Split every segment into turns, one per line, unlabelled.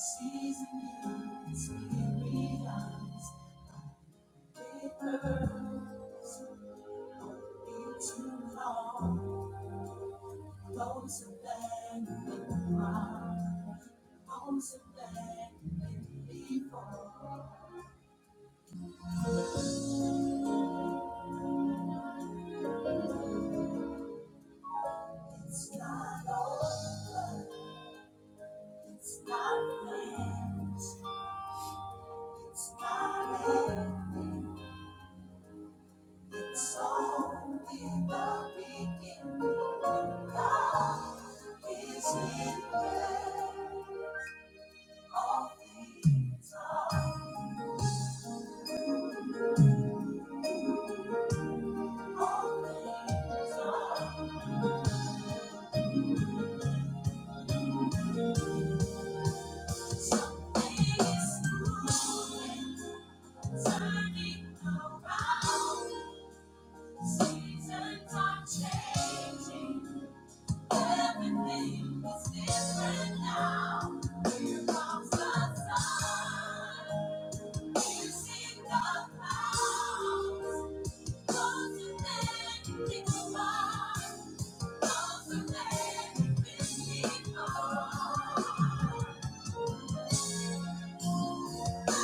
Season you, it's me, All things are Thank you. It's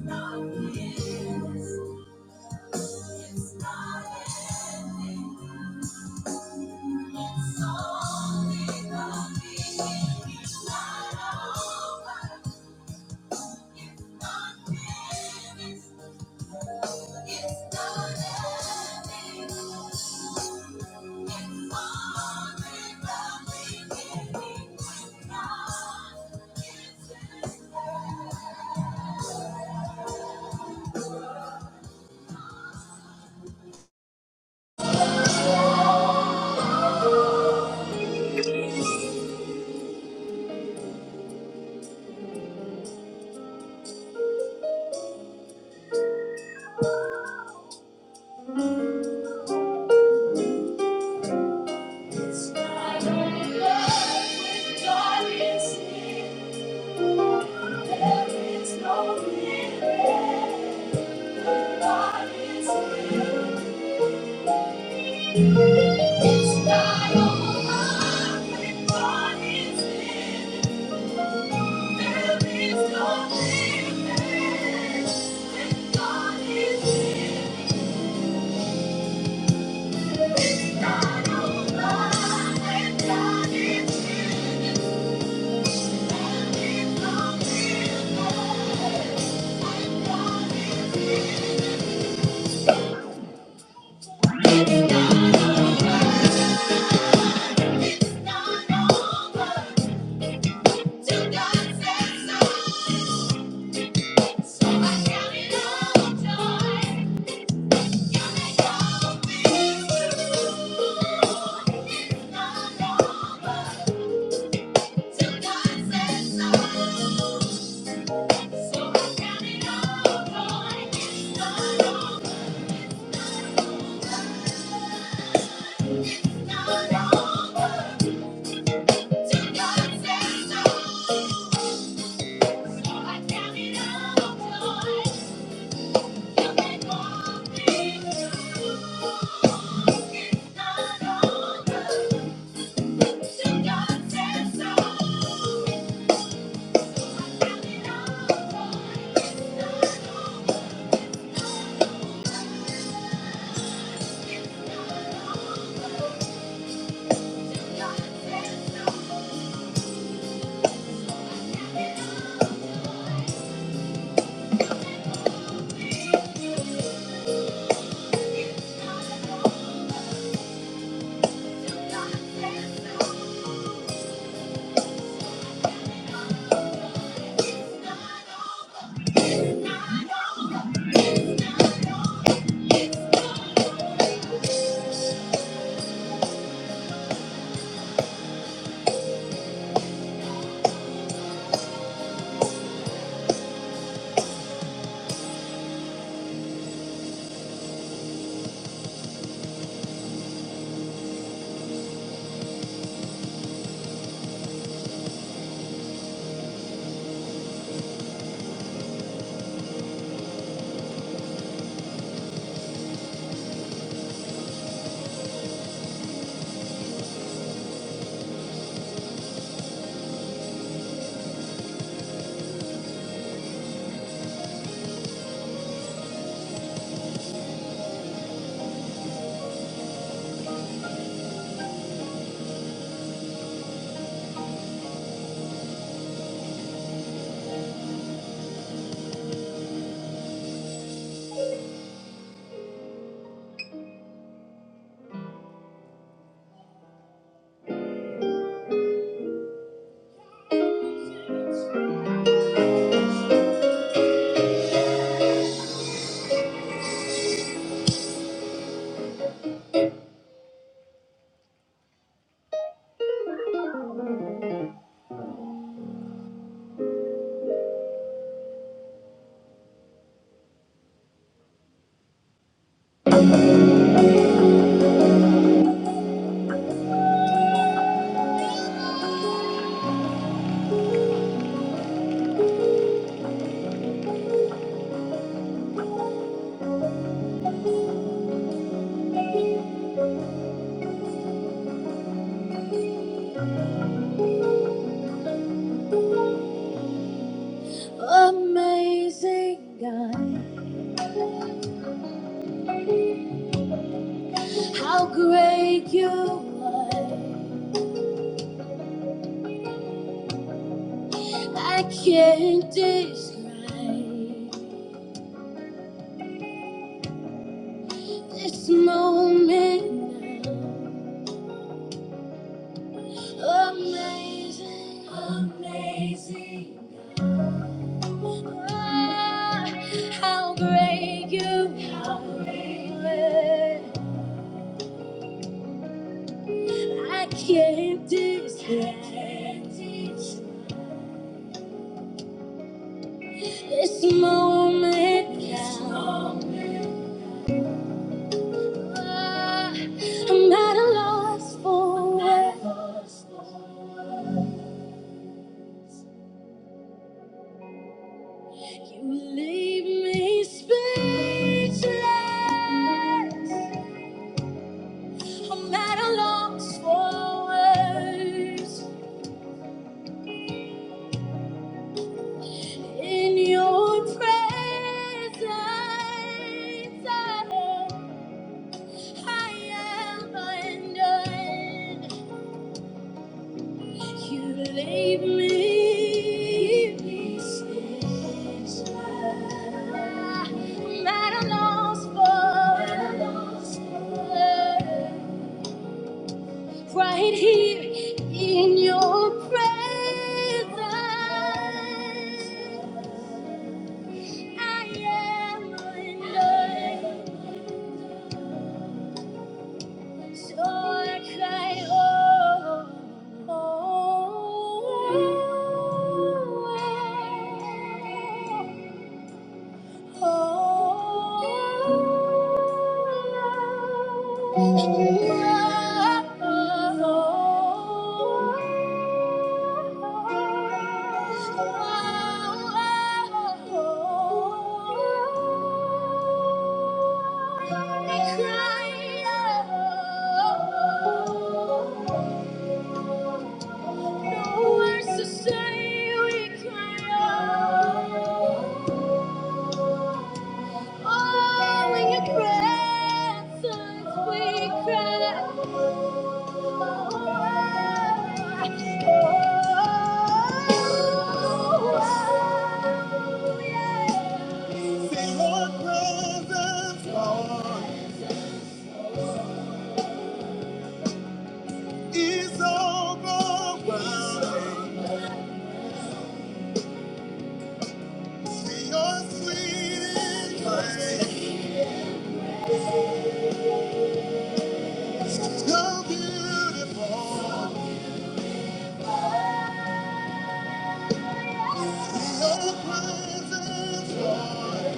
not over. It's not finished.
Good
It's not over, everybody's in. it's Thank you. Till God says no. So It's not over. Not God says no. So I count it all joy. You can walk It's not over. Till God says no. I It's not over. no. Amazing God, how great you are. I can't describe this moment. now. Amazing, amazing. Ah, how great you are. I can't describe this moment now. I'm at a loss for words. You leave me speechless. I'm at a loss for words. In your presence, I am undone. You leave me pieces. I'm at a loss for words. Right here in your presence, I am undone. So I cried, oh, oh, oh, oh, oh, oh, oh. No words to say, we cry out. Oh, in your presence we cry out. Say your presence, Lord, is overwhelming. See your sweet embrace. you beautiful. you presence, Lord.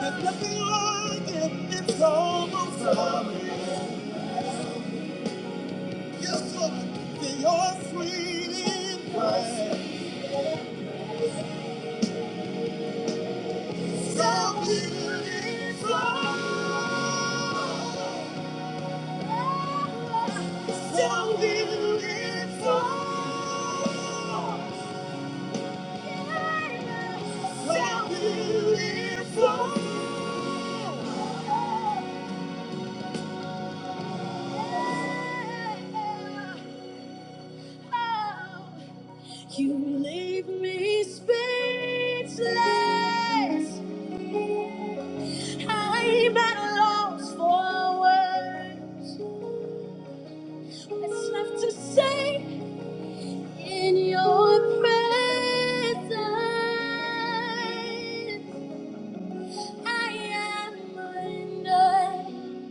There's nothing like it. It's almost lovely. Yes, Lord. that You're sweet So beautiful. So beautiful. So beautiful. You leave me speechless. I'm at a loss for words. It's left to say in your presence. I am undone.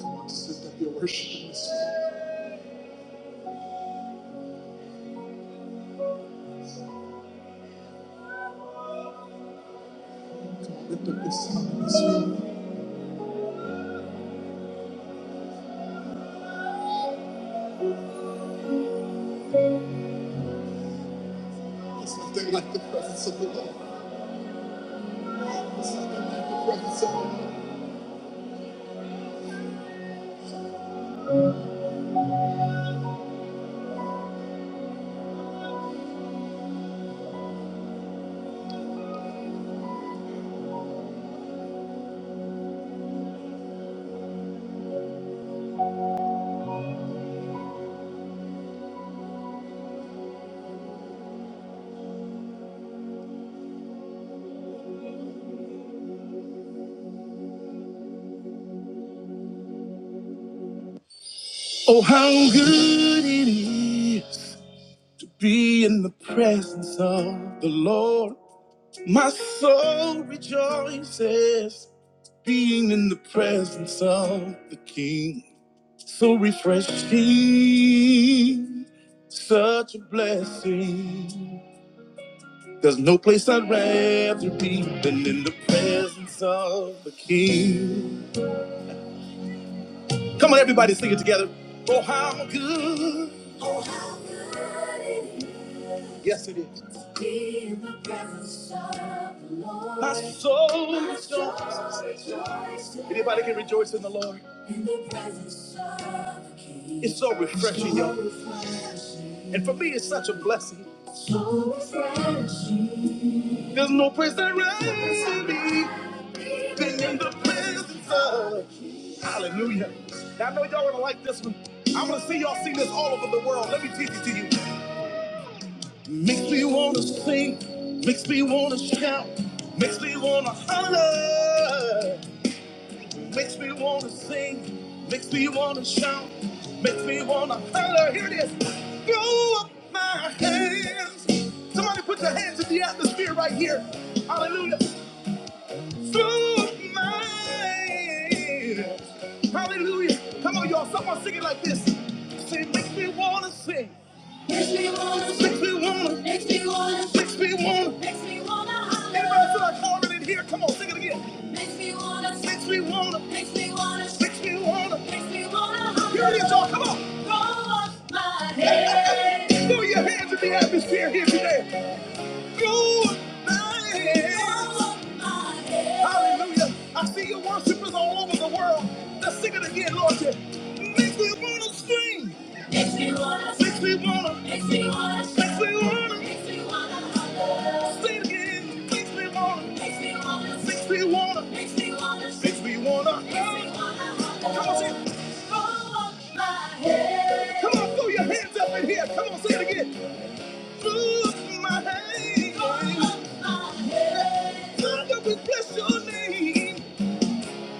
Come on, just lift up your worship. in this room. Come on, lift up your song in this room. There's nothing like the presence of the Lord. Oh, how good it is to be in the presence of the Lord. My soul rejoices being in the presence of the King. So refreshing, such a blessing. There's no place I'd rather be than in the presence of the King. Come on, everybody, sing it together. Oh, how good. Oh, how good it is. Yes, it is. To be in the presence of the Lord. My soul My soul rejoices. Anybody can rejoice in the Lord. In the presence of the King. It's so refreshing, So y'all. refreshing. And for me, it's such a blessing. There's no place that rises to me. Been in the presence of. Hallelujah. Now, I know y'all want to like this one. I'm going to see y'all sing this all over the world. Let me teach it to you. Makes me want to sing. Makes me want to shout. Makes me want to holler. Makes me want to sing. Makes me want to shout. Makes me want to holler. Here it is. Throw up my hands. Somebody put your hands in the atmosphere right here. Hallelujah. through mine. Hallelujah. Come on, y'all. Someone sing it like this. Say, makes me wanna sing. Makes me wanna sing. Makes me wanna. Makes me wanna. Makes me wanna. Makes me wanna. holler. Anybody feel like hollering in here? Come on, sing it again. Makes me wanna. Makes me wanna. Makes me wanna. Makes me wanna. Makes me wanna. holler. Here it is, y'all. Come on. Throw up my hands. Throw your hands in the atmosphere here today you my help. Hallelujah. I see your worshipers all over the world. Let's sing it again, Lord. Makes me wanna sing. Makes me wanna. Makes me wanna. Makes me wanna. Makes me wanna. Makes me wanna. Say it again. Makes me wanna. Makes me wanna. Makes me wanna. Makes me wanna. Makes me wanna. Makes me wanna. Come on, sing. it. Come on, throw your hands up in here. Come on, say it again. Father, we bless your name.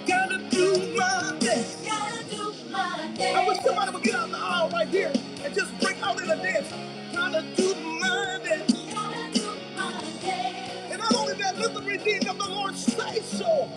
Gotta do my best. Gotta do my best. I wish somebody would get out in the aisle right here and just break out in a dance. Gotta do my best. Gotta do my best. And not only that, let the redeemed of the Lord say so.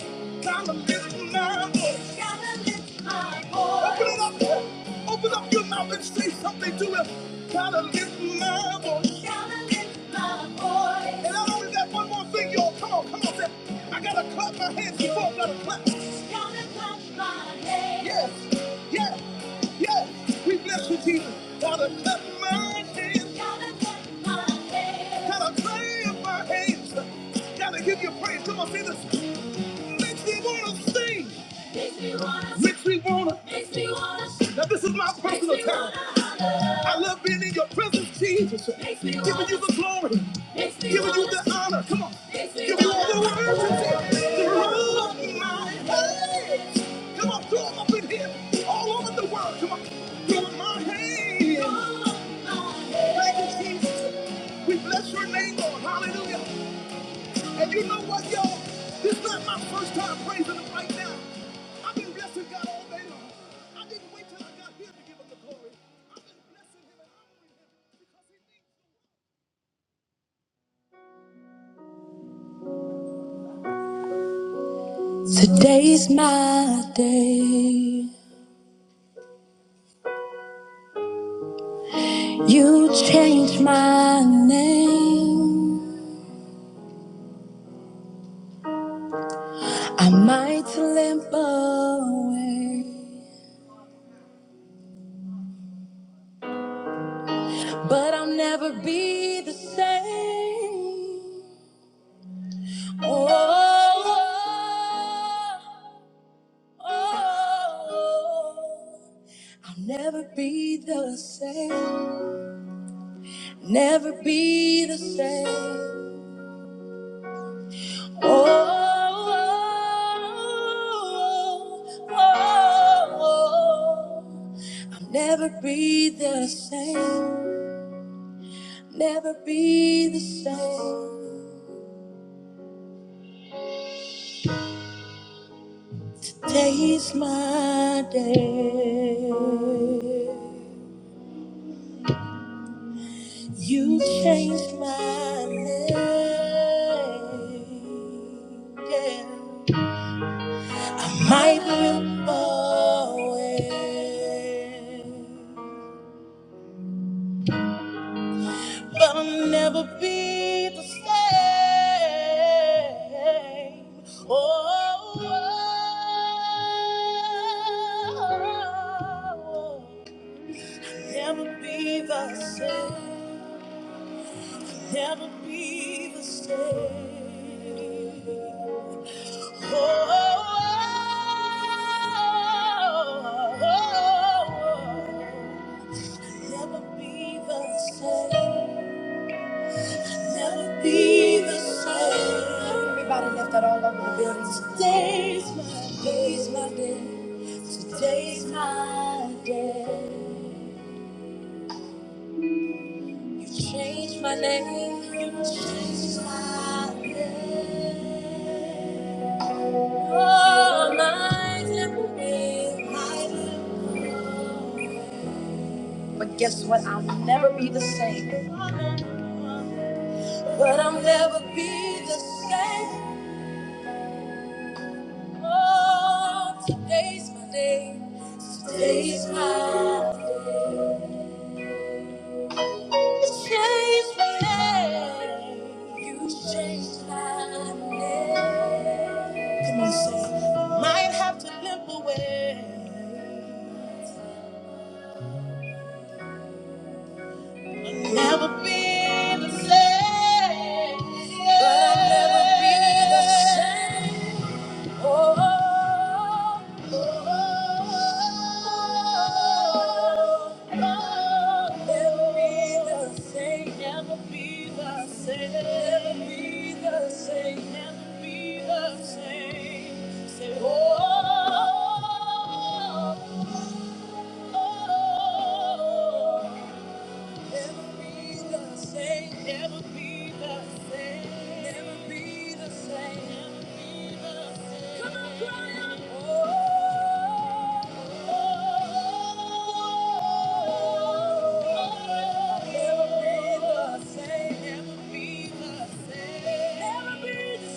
Gotta lift my voice. Gotta lift my voice. Open it up. Open up your mouth and say something to him. Gotta lift my voice. Gotta lift my voice. And not only that, that one more thing, y'all. Come on, come on. say, I gotta clap my hands before I gotta clap. Gotta clap my hands. Yes, yes, yes. We bless you, Jesus. Gotta clap my hands. Gotta clap my hands. Gotta clap my hands. Gotta give you praise. Come on, say this. Makes me wanna sing. Makes me wanna. Makes me wanna. Makes me wanna. Now this is my personal time. I love being in your presence, Jesus. Makes me Giving wanna. you the glory. Makes me Giving you wanna. You the honor. Come on. Makes me Give you all the wanna. worship. The love of my hands. Come on, throw 'em up in here. All over the world. Come on. Throw 'em in my hands. Thank you, Jesus. We bless your name, Lord. Hallelujah. And you know what, y'all? This is not my first time praising him right now. I've been blessing God all day long. I didn't wait till I got here to give him the glory. I've been blessing him and honoring him because he means. Today's my day. You changed my name. I might limp away, but I'll never be the same. Oh. Oh, I'll never be the same. Never be the same. Oh, oh, oh, oh, oh. I'll never be the same. Never be the same. Taste my day. You changed my name. Yeah. Might will always, but I'll never be the same. Oh, oh, oh. never be the same. Never be the same. Never Never be be the the same. Never be the same. Everybody left that all over the building. Today's my day's my day. Today's my day. You changed my name. You changed my name. Oh, my temple. But guess what? I'll never be the same. But I'll never be the same. Oh, today's my day. Today's my day. You changed my name. You changed my name. Come on, say. Might have to limp away. never be the same. But I'll never be the same. Oh Never be the same. Never be the same. Never be the same. Never be the same. Come on, cry out. Oh, never be the same. Never be the same. Never be the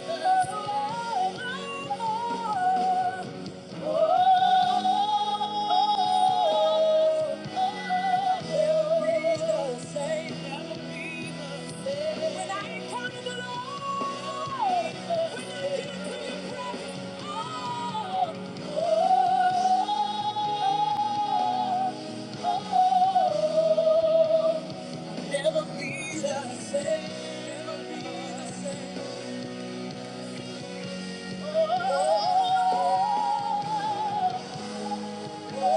same. Never be the same. Never be the same. Never be the same. Oh. Tonight!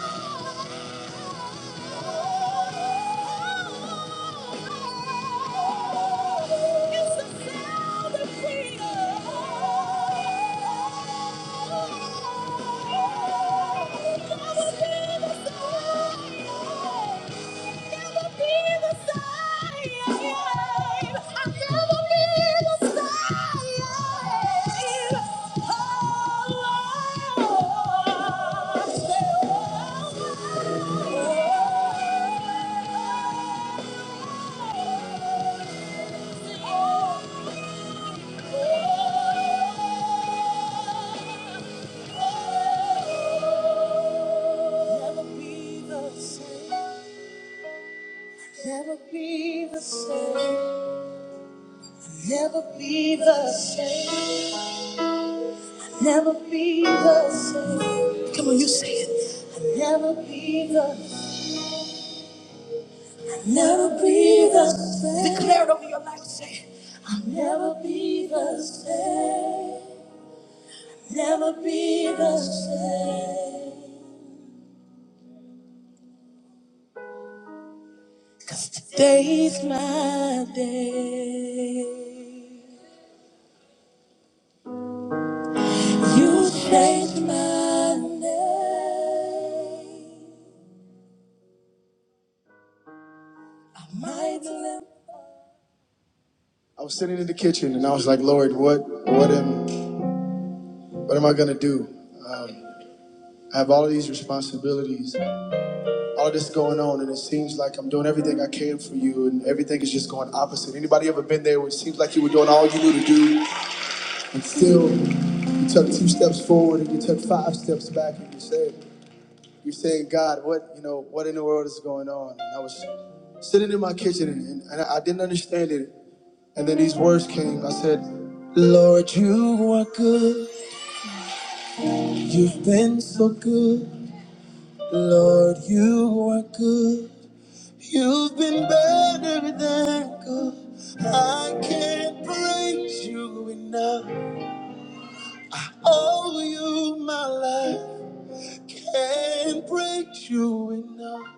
say It's the sound of freedom. Never be the same. Never be the same. Never be the same. Never be the same. Never be the. Never be the same. Never be the same. Never be the same. I was sitting in the kitchen and I was like, Lord, what, what am, what am I gonna do? Um, I have all of these responsibilities. all this going on and it seems like I'm doing everything I can for you and everything is just going opposite. Anybody ever been there where it seems like you were doing all you knew to do and still you took two steps forward and you took five steps back and you said you're saying, God, what you know, what in the world is going on? And I was sitting in my kitchen and, and I didn't understand it. And then these words came. I said, Lord, you are good. You've been so good. Lord, you are good. You've been better than good. I can't praise you enough. Oh, you, my life, can't praise you enough.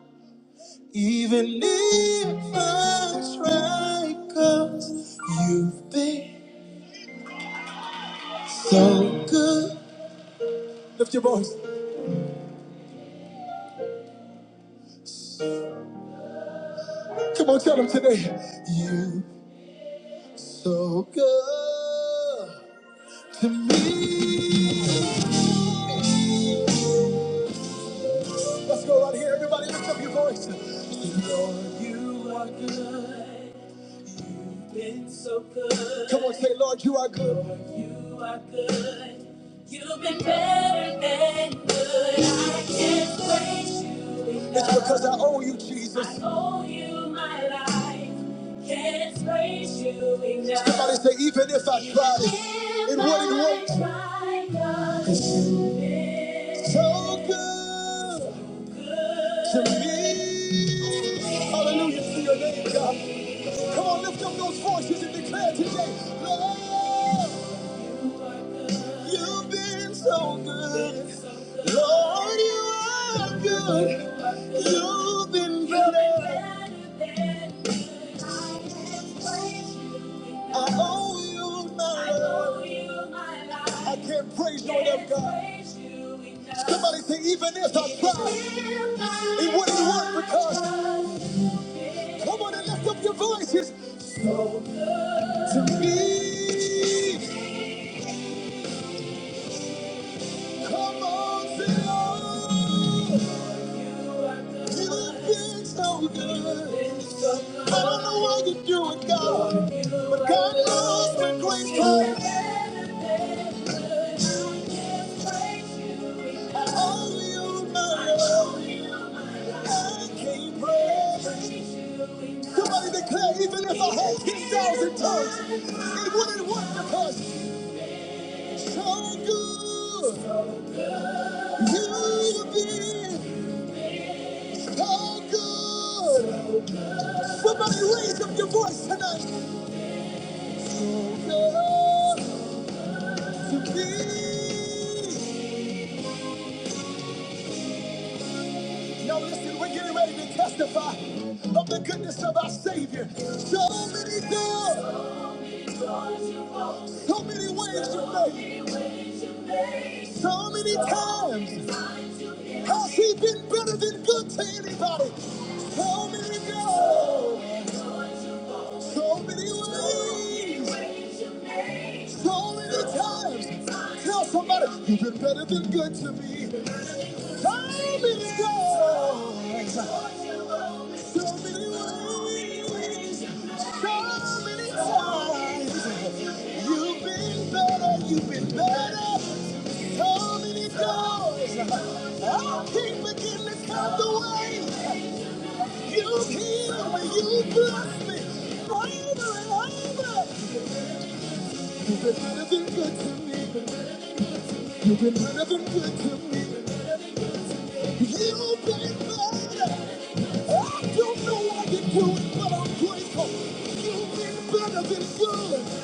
Even if I try, cause you've been so good. Lift your voice. Come on, tell them today. You so good to me. Let's go right here, everybody. Lift up your voice. Lord, Come on, say, Lord, you are good. It's because I owe you, Jesus. Somebody say, even if I tried it, it wouldn't work. So good to me. Hallelujah to your name, God. Come on, lift up those voices and declare today, Lord, you've been so good. Lord, you are good. You've been better. I owe you my love. I can't praise you enough, God. Somebody say, even if I tried, it wouldn't work because come on and lift up your voices to me. Come on, say, oh, you've been so good. I don't know why you do it, God, but God knows when grace comes. I owe you my love. I can't break. Somebody declare, even if I had 10,000 tongues, it wouldn't work because how good you have been, how good. Somebody raise up your voice tonight. So good to me. Now listen, we're getting ready to testify of the goodness of our Savior. So many doors, so many ways you made, so many times. Has he been better than good to anybody? So many times, so many ways, so many times. Tell somebody, you've been better than good to me. So many times, so many ways, so many times. You've been better, you've been better. So many times, I will keep begin to count the ways. You heal me, you bless me, over and over. You've been better than good to me, been better than good to me. You've been better. I don't know why you do it, but I'm grateful. You've been better than good.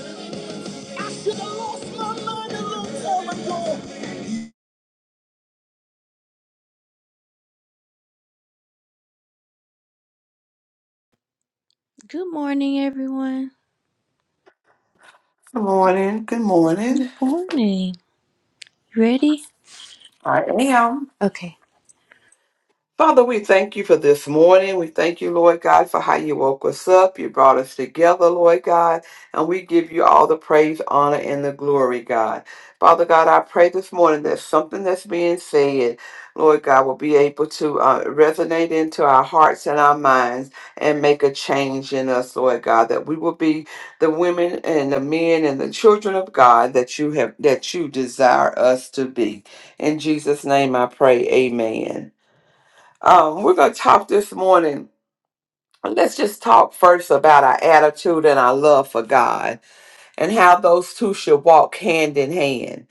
I should have lost my mind a long time ago. Good morning, everyone.
morning. Good morning.
Good morning. You Ready?
I am.
Okay.
Father, we thank you for this morning. We thank you, Lord God, for how you woke us up. You brought us together, Lord God, and we give you all the praise, honor, and the glory, God. Father God, I pray this morning that something that's being said, Lord God, will be able to uh, resonate into our hearts and our minds and make a change in us, Lord God. That we will be the women and the men and the children of God that you have that you desire us to be. In Jesus' name, I pray. Amen. Um, we're going to talk this morning. Let's just talk first about our attitude and our love for God and how those two should walk hand in hand.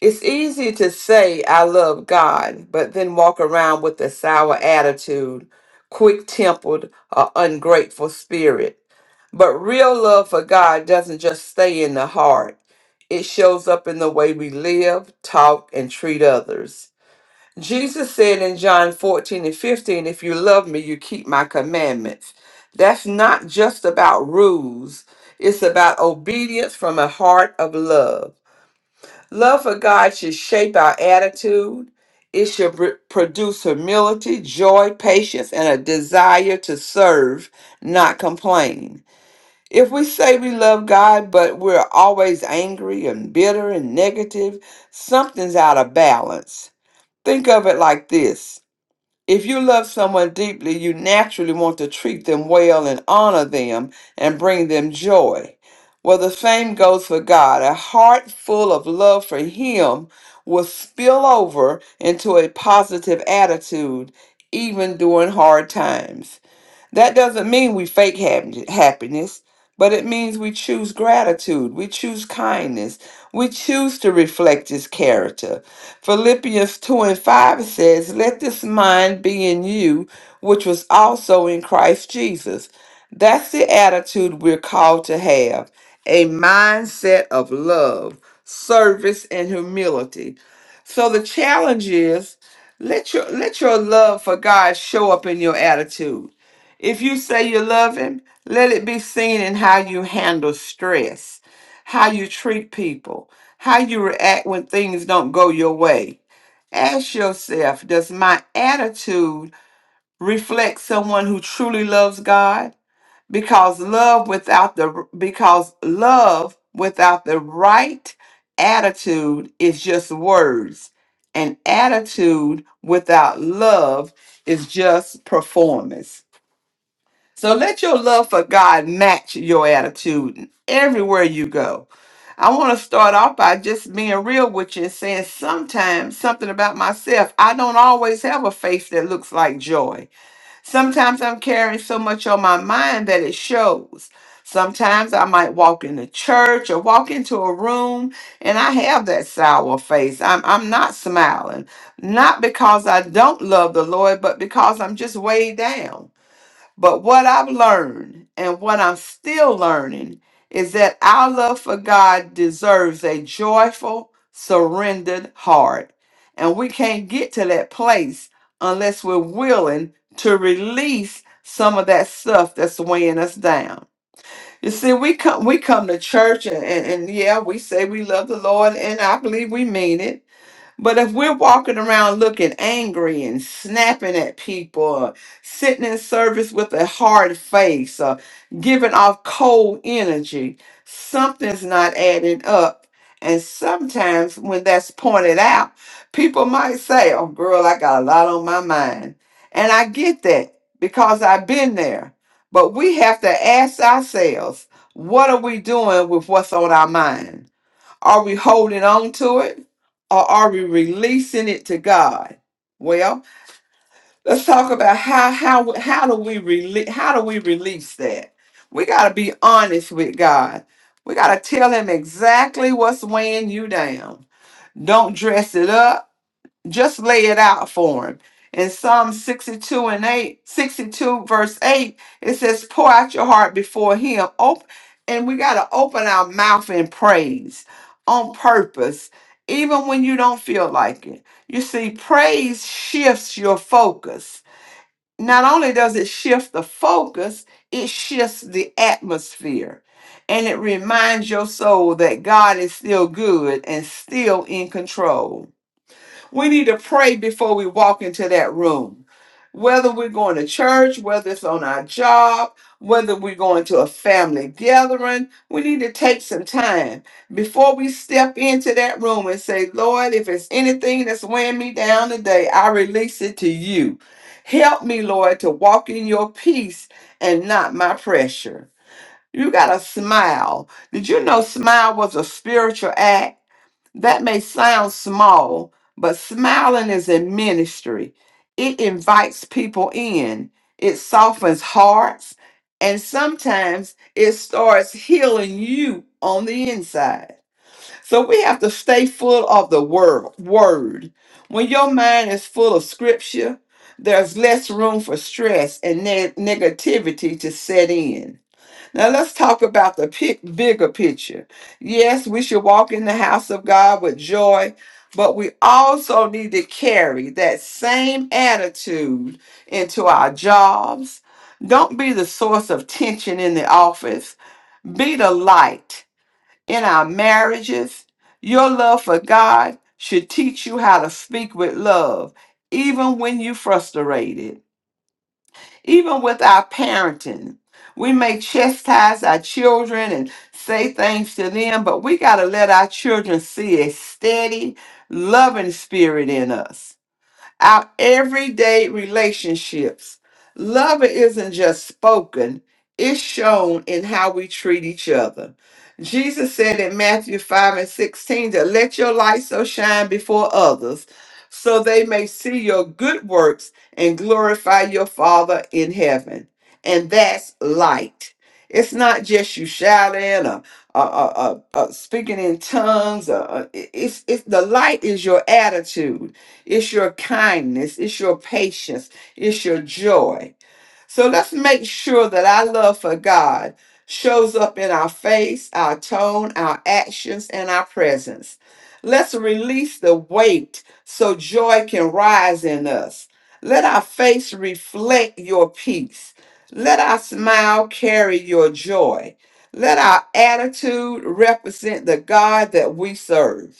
It's easy to say, I love God, but then walk around with a sour attitude, quick tempered, or ungrateful spirit. But real love for God doesn't just stay in the heart, it shows up in the way we live, talk, and treat others. Jesus said in John 14 and 15, If you love me, you keep my commandments. That's not just about rules, it's about obedience from a heart of love. Love for God should shape our attitude, it should pr- produce humility, joy, patience, and a desire to serve, not complain. If we say we love God, but we're always angry and bitter and negative, something's out of balance. Think of it like this if you love someone deeply, you naturally want to treat them well and honor them and bring them joy. Well, the same goes for God. A heart full of love for Him will spill over into a positive attitude even during hard times. That doesn't mean we fake hap- happiness, but it means we choose gratitude, we choose kindness, we choose to reflect his character. Philippians 2 and 5 says, Let this mind be in you, which was also in Christ Jesus. That's the attitude we're called to have a mindset of love, service, and humility. So the challenge is let your let your love for God show up in your attitude if you say you love him, let it be seen in how you handle stress, how you treat people, how you react when things don't go your way. Ask yourself, does my attitude reflect someone who truly loves God? Because love without the because love without the right attitude is just words. An attitude without love is just performance. So let your love for God match your attitude everywhere you go. I want to start off by just being real with you and saying sometimes something about myself. I don't always have a face that looks like joy. Sometimes I'm carrying so much on my mind that it shows. Sometimes I might walk into church or walk into a room and I have that sour face. I'm, I'm not smiling, not because I don't love the Lord, but because I'm just weighed down. But what I've learned and what I'm still learning is that our love for God deserves a joyful, surrendered heart. And we can't get to that place unless we're willing to release some of that stuff that's weighing us down. You see, we come we come to church and, and, and yeah, we say we love the Lord and I believe we mean it. But if we're walking around looking angry and snapping at people, or sitting in service with a hard face, or giving off cold energy, something's not adding up. And sometimes when that's pointed out, people might say, Oh, girl, I got a lot on my mind. And I get that because I've been there. But we have to ask ourselves, What are we doing with what's on our mind? Are we holding on to it or are we releasing it to God? Well, let's talk about how how how do we release how do we release that? We got to be honest with God. We got to tell him exactly what's weighing you down. Don't dress it up just lay it out for him. In Psalm 62 and 8, 62 verse 8, it says, Pour out your heart before him. Open, and we got to open our mouth in praise on purpose, even when you don't feel like it. You see, praise shifts your focus. Not only does it shift the focus, it shifts the atmosphere. And it reminds your soul that God is still good and still in control. We need to pray before we walk into that room. Whether we're going to church, whether it's on our job, whether we're going to a family gathering, we need to take some time before we step into that room and say, Lord, if it's anything that's weighing me down today, I release it to you. Help me, Lord, to walk in your peace and not my pressure. You got to smile. Did you know smile was a spiritual act? That may sound small, but smiling is a ministry. It invites people in, it softens hearts, and sometimes it starts healing you on the inside. So we have to stay full of the word. word. When your mind is full of scripture, there's less room for stress and ne- negativity to set in. Now let's talk about the pic- bigger picture. Yes, we should walk in the house of God with joy, but we also need to carry that same attitude into our jobs. Don't be the source of tension in the office. Be the light in our marriages. Your love for God should teach you how to speak with love, even when you're frustrated. Even with our parenting, we may chastise our children and say things to them, but we got to let our children see a steady, loving spirit in us our everyday relationships. Love isn't just spoken, it's shown in how we treat each other. Jesus said in Matthew 5 and 16 that let your light so shine before others so they may see your good works and glorify your Father in heaven. And that's light. It's not just you shouting or, or, or- or- or speaking in tongues. Or, or- it's, it's, the light is your attitude it's your kindness. It's your patience. It's your joy. So let's make sure that our love for God shows up in our face, our tone, our actions, and our presence. Let's release the weight so joy can rise in us. Let our face reflect your peace. Let our smile carry your joy. Let our attitude represent the God that we serve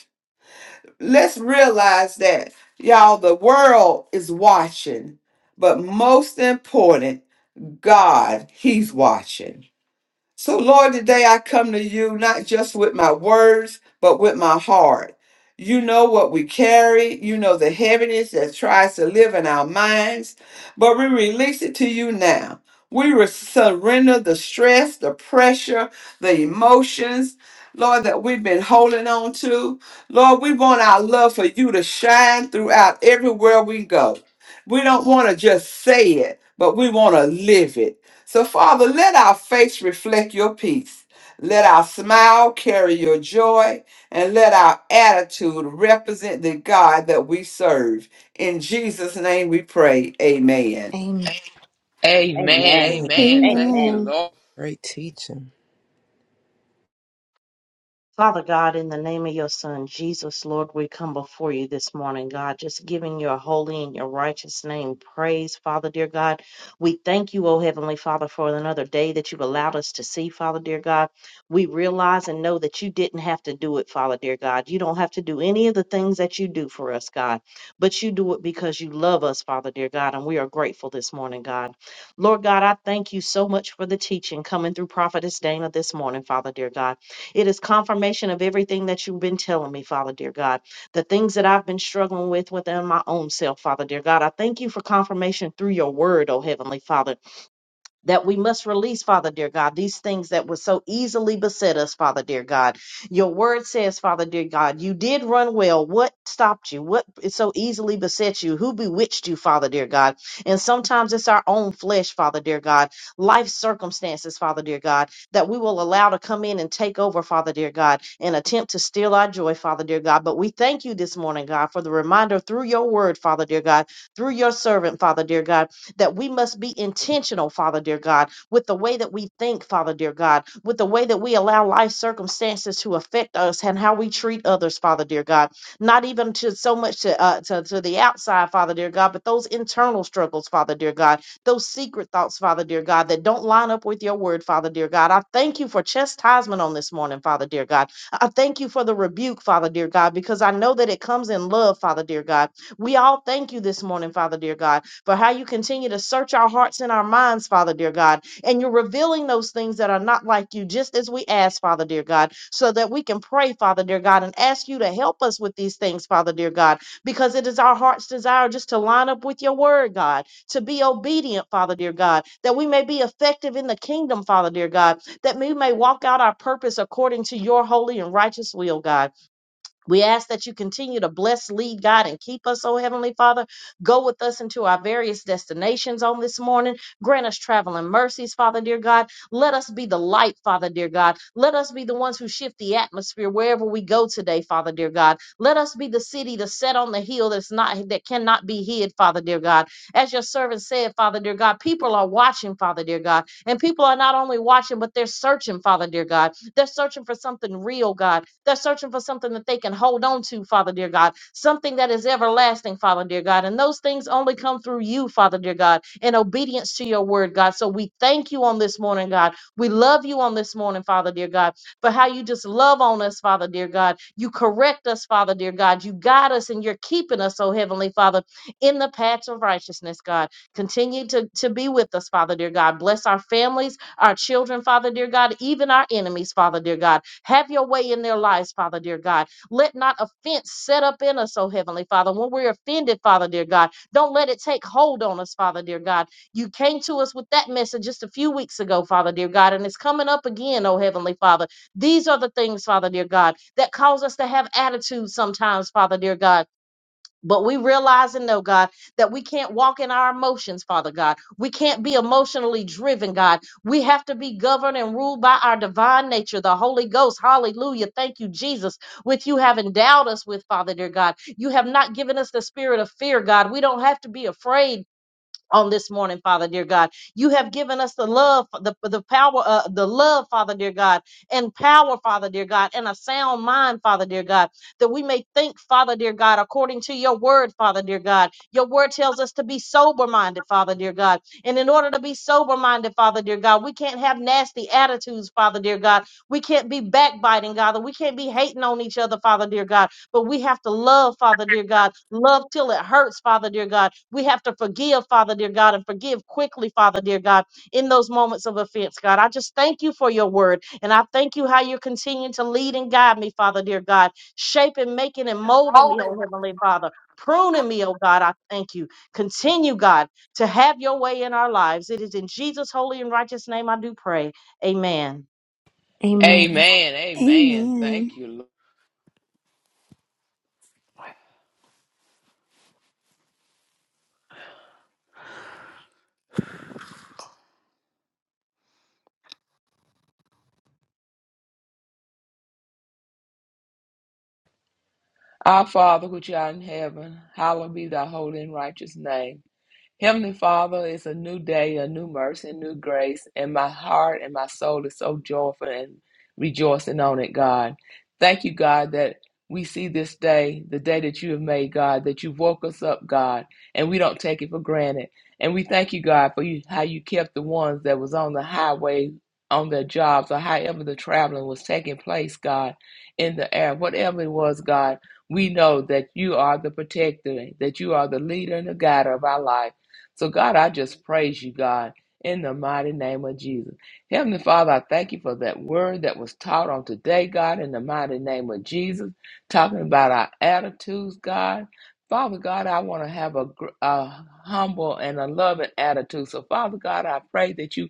let's realize that y'all the world is watching but most important god he's watching so, Lord, today I come to you not just with my words, but with my heart. You know what we carry, you know the heaviness that tries to live in our minds, but we release it to you now. We re- surrender the stress, the pressure, the emotions, Lord, that we've been holding on to. Lord, we want our love for you to shine throughout everywhere we go. We don't want to just say it, but we want to live it. So, Father, let our face reflect your peace. Let our smile carry your joy, and let our attitude represent the God that we serve. In Jesus' name we pray. Amen.
Amen.
Amen.
Amen.
Amen.
Amen. Thank you,
Amen.
Amen.
Lord.
Great teaching.
For you this morning, in your righteous name, praise, Father, dear God. We thank you, O Heavenly Father, for another day that you've allowed us to see, Father, dear God. We realize and know that you didn't have to do it, Father, dear God. You don't have to do any of the things that you do for us, God, but you do it because you love us, Father, dear God, and we are grateful this morning, God. Lord God, I thank you so much for the teaching coming through Prophetess Dana this morning, Father, dear God. It is confirmation of everything that you've been telling me, Father, dear God. the things that I've been struggling with within my own self, Father, dear God. I thank you for confirmation through your word, oh Heavenly Father that we must release, Father dear God, these things that would so easily beset us, Father dear God. Your word says, Father dear God, you did run well. What stopped you? What so easily beset you? Who bewitched you, Father dear God? And sometimes it's our own flesh, Father dear God, life circumstances, Father dear God, that we will allow to come in and take over, Father dear God, and attempt to steal our joy, Father dear God. But we thank you this morning, God, for the reminder through your word, Father dear God, through your servant, Father dear God that we must be intentional, Father dear God, with the way that we think, Father dear God, with the way that we allow life circumstances to affect us and how we treat others, Father dear God. Not even to so much to uh, to, to the outside, Father dear God, but those internal struggles, Father dear God, those secret thoughts, Father dear God, that don't line up with your word, Father dear God. I thank you for chastisement on this morning, Father dear God. I thank you for the rebuke, Father dear God, because I know that it comes in love, Father dear God. We all thank you this morning, Father dear God for how you continue to search our hearts and our minds, Father, dear God. And you're revealing those things that are not like you, just as we ask, Father, dear God, so that we can pray, Father, dear God, and ask you to help us with these things, Father, dear God, because it is our heart's desire just to line up with your word, God, to be obedient, Father, dear God, that we may be effective in the kingdom, Father, dear God, that we may walk out our purpose according to your holy and righteous will, God. We ask that you continue to bless, lead, God, and keep us, oh Heavenly Father. Go with us into our various destinations on this morning. Grant us traveling mercies, Father, dear God. Let us be the light, Father, dear God. Let us be the ones who shift the atmosphere wherever we go today, Father, dear God. Let us be the city that's set on the hill that's not that cannot be hid, Father, dear God. As your servant said, Father, dear God, people are watching, Father, dear God, and people are not only watching, but they're searching, Father, dear God. They're searching for something real, God. They're searching for something that they can hold on to, Father, dear God. Something that is everlasting, Father, dear God. And those things only come through you, Father, dear God, in obedience to your word, God. So we thank you on this morning, God. We love you on this morning, Father, dear God, for how you just love on us, Father, dear God. You correct us, Father, dear God. You guide us and you're keeping us, oh Heavenly Father, in the paths of righteousness, God. Continue to, to be with us, Father, dear God. Bless our families our children, Father dear God, even our enemies, Father dear God. Have your way in their lives, Father dear God. Let not offense set up in us, oh Heavenly Father. When we're offended, Father dear God, don't let it take hold on us, Father dear God. You came to us with that message just a few weeks ago, Father dear God, and it's coming up again, oh Heavenly Father. These are the things, Father dear God, that cause us to have attitudes sometimes, Father dear God but we realize and know, God, that we can't walk in our emotions, Father God. We can't be emotionally driven, God. We have to be governed and ruled by our divine nature, the Holy Ghost. Hallelujah. Thank you, Jesus, which you have endowed us with, Father, dear God. You have not given us the spirit of fear, God. We don't have to be afraid, on this morning, Father dear God. You have given us the love, the, the power, uh, the love, Father dear God, and power, Father dear God, and a sound mind, Father dear God, that we may think, Father dear God, according to your word, Father dear God. Your word tells us to be sober minded, Father dear God. And in order to be sober minded, Father dear God, we can't have nasty attitudes, Father dear God. We can't be backbiting, God. We can't be hating on each other, Father dear God. But we have to love, Father dear God, love till it hurts, Father dear God. We have to forgive, Father dear God, and forgive quickly, Father dear God, in those moments of offense, God. I just thank you for your word. And I thank you how you're continuing to lead and guide me, Father dear God, shaping, making, and molding me, oh Heavenly Father, pruning me, oh God. I thank you. Continue, God, to have your way in our lives. It is in Jesus' holy and righteous name I do pray. Amen.
Amen.
Amen. Amen.
Amen.
Thank you, Lord. Our Father, which art in heaven, hallowed be thy holy and righteous name. Heavenly Father, it's a new day, a new mercy, a new grace, and my heart and my soul is so joyful and rejoicing on it, God. Thank you, God, that we see this day, the day that you have made, God, that you woke us up, God, and we don't take it for granted. And we thank you, God, for you how you kept the ones that was on the highway on their jobs or however the traveling was taking place, God, in the air, whatever it was, God. We know that you are the protector, that you are the leader and the guide of our life. So, God, I just praise you, God, in the mighty name of Jesus. Heavenly Father, I thank you for that word that was taught on today, God, in the mighty name of Jesus, talking about our attitudes, God. Father God, I want to have a, gr- a humble and a loving attitude. So, Father God, I pray that you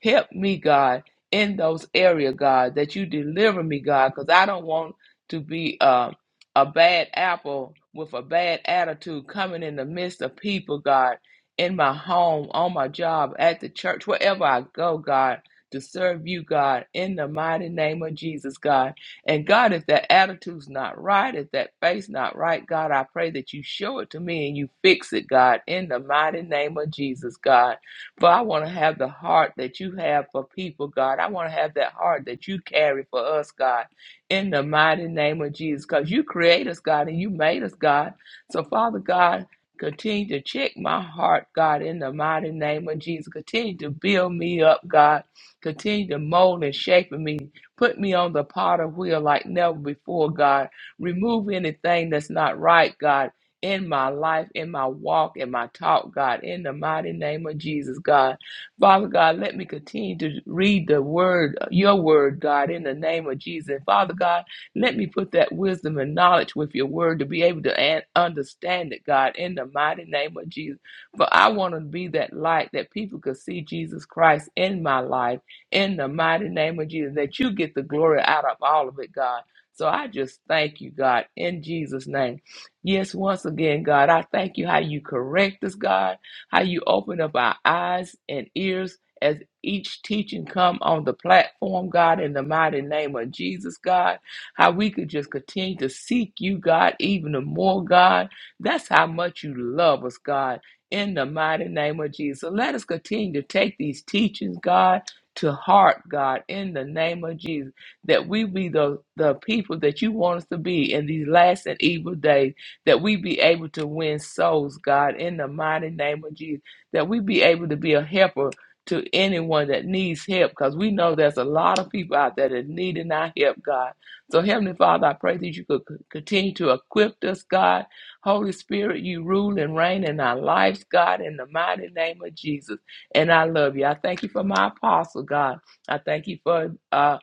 help me, God, in those area, God, that you deliver me, God, because I don't want to be uh, a bad apple with a bad attitude coming in the midst of people, God in my home, on my job, at the church, wherever I go, God, to serve you, God, in the mighty name of Jesus, God. And God, if that attitude's not right, if that face not right, God, I pray that you show it to me and you fix it, God, in the mighty name of Jesus, God. For I want to have the heart that you have for people, God. I want to have that heart that you carry for us, God, in the mighty name of Jesus. Because you create us, God, and you made us, God. So, Father God, Continue to check my heart, God, in the mighty name of Jesus. Continue to build me up, God. Continue to mold and shape me. Put me on the potter wheel like never before, God. Remove anything that's not right, God, in my life, in my walk, in my talk, God, in the mighty name of Jesus, God. Father God, let me continue to read the word, your word, God, in the name of Jesus. Father God, let me put that wisdom and knowledge with your word to be able to an- understand it, God, in the mighty name of Jesus. For I want to be that light that people could see Jesus Christ in my life, in the mighty name of Jesus, that you get the glory out of all of it, God. So I just thank you, God, in Jesus' name. Yes, once again, God, I thank you how you correct us, God, how you open up our eyes and ears as each teaching come on the platform, God, in the mighty name of Jesus, God how we could just continue to seek you, God, even the more, God. That's how much you love us, God, in the mighty name of Jesus. Let us continue to take these teachings, God, to heart, God, in the name of Jesus, that we be the, the people that you want us to be in these last and evil days, that we be able to win souls, God, in the mighty name of Jesus, that we be able to be a helper to anyone that needs help because we know there's a lot of people out there that need our help, God. So, Heavenly Father, I pray that you could c- continue to equip us, God. Holy Spirit, you rule and reign in our lives, God, in the mighty name of Jesus. And I love you. I thank you for my apostle, God. I thank you for uh,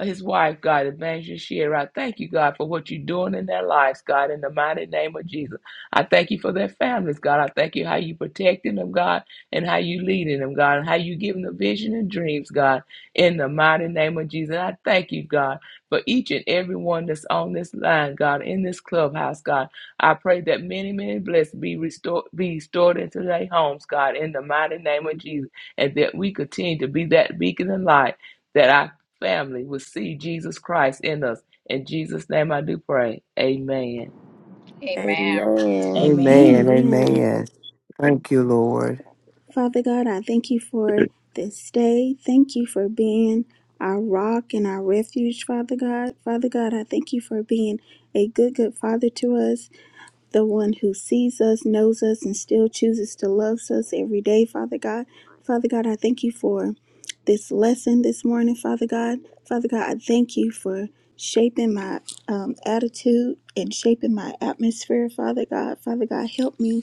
his wife, God, Evangelist Shear. I thank you, God, for what you're doing in their lives, God, in the mighty name of Jesus. I thank you for their families, God. I thank you how you protecting them, God, and how you leading them, God, and how you giving the vision and dreams, God, in the mighty name of Jesus. I thank you, God for each and every one that's on this line, God, in this clubhouse, God. I pray that many, many blessings be restored, be restored into their homes, God, in the mighty name of Jesus, and that we continue to be that beacon of light that our family will see Jesus Christ in us. In Jesus' name, I do pray. Amen.
Amen.
Amen.
Amen.
Amen.
Amen.
Amen.
Thank you, Lord.
Father God, I thank you for this day. Thank you for being our rock and our refuge, Father God. Father God, I thank you for being a good, good father to us. the one who sees us, knows us, and still chooses to love us every day, Father God. Father God, I thank you for this lesson this morning, Father God. Father God, I thank you for shaping my um, attitude and shaping my atmosphere, Father God. Father God, help me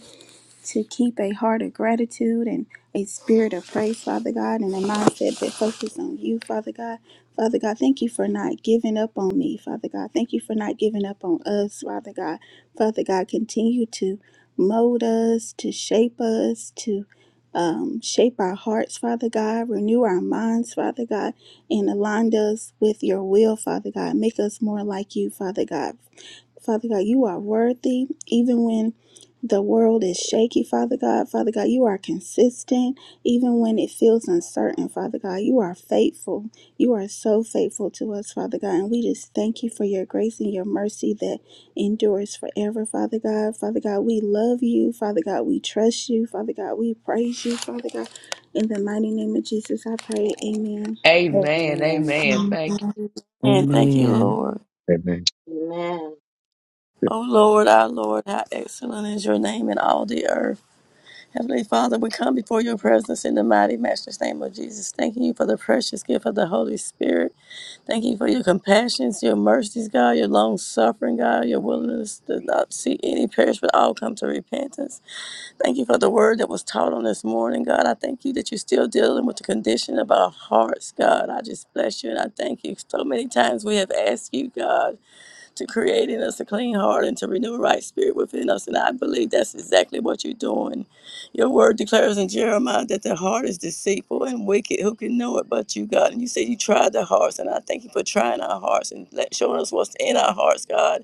to keep a heart of gratitude and a spirit of praise, Father God, and a mindset that focuses on you, Father God. Father God, thank you for not giving up on me, Father God. Thank you for not giving up on us, Father God. Father God, continue to mold us, to shape us, to um, shape our hearts, Father God, renew our minds, Father God, and align us with your will, Father God. Make us more like you, Father God. Father God, you are worthy, even when the world is shaky, Father God. Father God, you are consistent, even when it feels uncertain, Father God. You are faithful. You are so faithful to us, Father God. And we just thank you for your grace and your mercy that endures forever, Father God. Father God, we love you. Father God, we trust you. Father God, we praise you, Father God. In the mighty name of Jesus, I pray. Amen.
Amen.
Amen.
Amen. Thank
And thank you,
Amen.
Lord.
Amen.
Amen.
Oh, Lord, our Lord, how excellent is your name in all the earth. Heavenly Father, we come before your presence in the mighty Master's name of Jesus, thanking you for the precious gift of the Holy Spirit. Thank you for your compassions, your mercies, God, your long suffering, God, your willingness to not see any perish but all come to repentance. Thank you for the word that was taught on this morning, God. I thank you that you're still dealing with the condition of our hearts, God. I just bless you and I thank you. So many times we have asked you, God, to create in us a clean heart and to renew a right spirit within us. And I believe that's exactly what you're doing. Your word declares in Jeremiah that the heart is deceitful and wicked. Who can know it but you, God? And you said you tried the hearts. And I thank you for trying our hearts and let- showing us what's in our hearts, God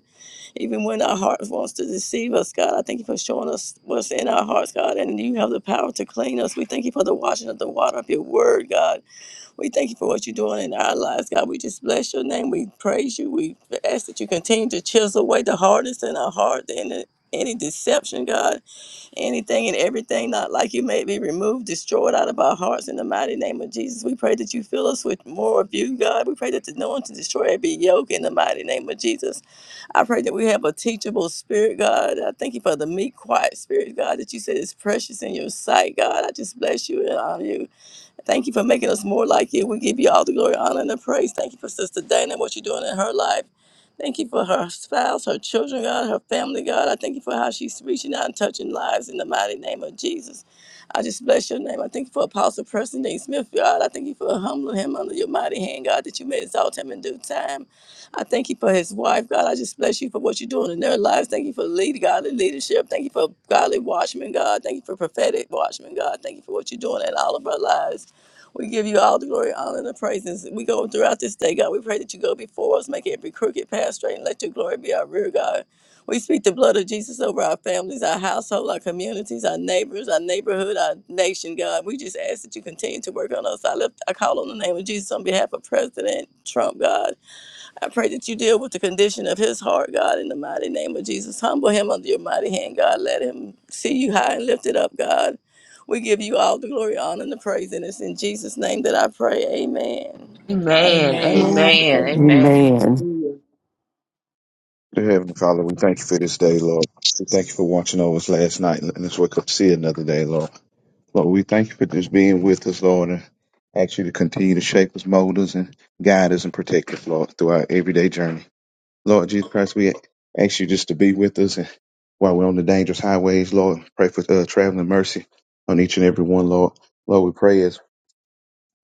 even when our heart wants to deceive us, God. I thank you for showing us what's in our hearts, God, and you have the power to clean us. We thank you for the washing of the water of your word, God. We thank you for what you're doing in our lives, God. We just bless your name. We praise you. We ask that you continue to chisel away the hardest in our heart and the- any deception, God, anything and everything not like you may be removed, destroyed out of our hearts in the mighty name of Jesus. We pray that you fill us with more of you, God. We pray that the anointing destroy every yoke in the mighty name of Jesus. I pray that we have a teachable spirit, God. I thank you for the meek, quiet spirit, God, that you said is precious in your sight, God. I just bless you and honor you. Thank you for making us more like you. We give you all the glory, honor, and the praise. Thank you for Sister Dana, and what you're doing in her life. Thank you for her spouse, her children, God, her family, God. I thank you for how she's reaching out and touching lives in the mighty name of Jesus. I just bless your name. I thank you for Apostle Preston Dean Smith, God. I thank you for humbling him under your mighty hand, God, that you may exalt him in due time. I thank you for his wife, God. I just bless you for what you're doing in their lives. Thank you for lead, godly leadership. Thank you for godly watchmen, God. Thank you for prophetic watchmen, God. Thank you for what you're doing in all of our lives. We give you all the glory, honor, and the praises. We go throughout this day, God. We pray that you go before us, make every crooked path straight, and let your glory be our rear guard. We speak the blood of Jesus over our families, our household, our communities, our neighbors, our neighborhood, our nation, God. We just ask that you continue to work on us. I lift, I call on the name of Jesus on behalf of President Trump, God. I pray that you deal with the condition of his heart, God, in the mighty name of Jesus. Humble him under your mighty hand, God. Let him see you high and lifted up, God. We give you all the glory, honor, and the praise, and it's in Jesus' name that I pray. Amen.
you. Amen.
Amen.
Amen.
Amen.
Amen.
Amen.
Hallelujah.
Dear Heavenly Father, we thank you for this day, Lord. We thank you for watching over us last night and letting us wake up to see another day, Lord. Lord, we thank you for just being with us, Lord, and ask you to continue to shape us, mold us, and guide us and protect us, Lord, through our everyday journey. Lord Jesus Christ, we ask you just to be with us and while we're on the dangerous highways, Lord, pray for uh, traveling mercy on each and every one, Lord. Lord, we pray as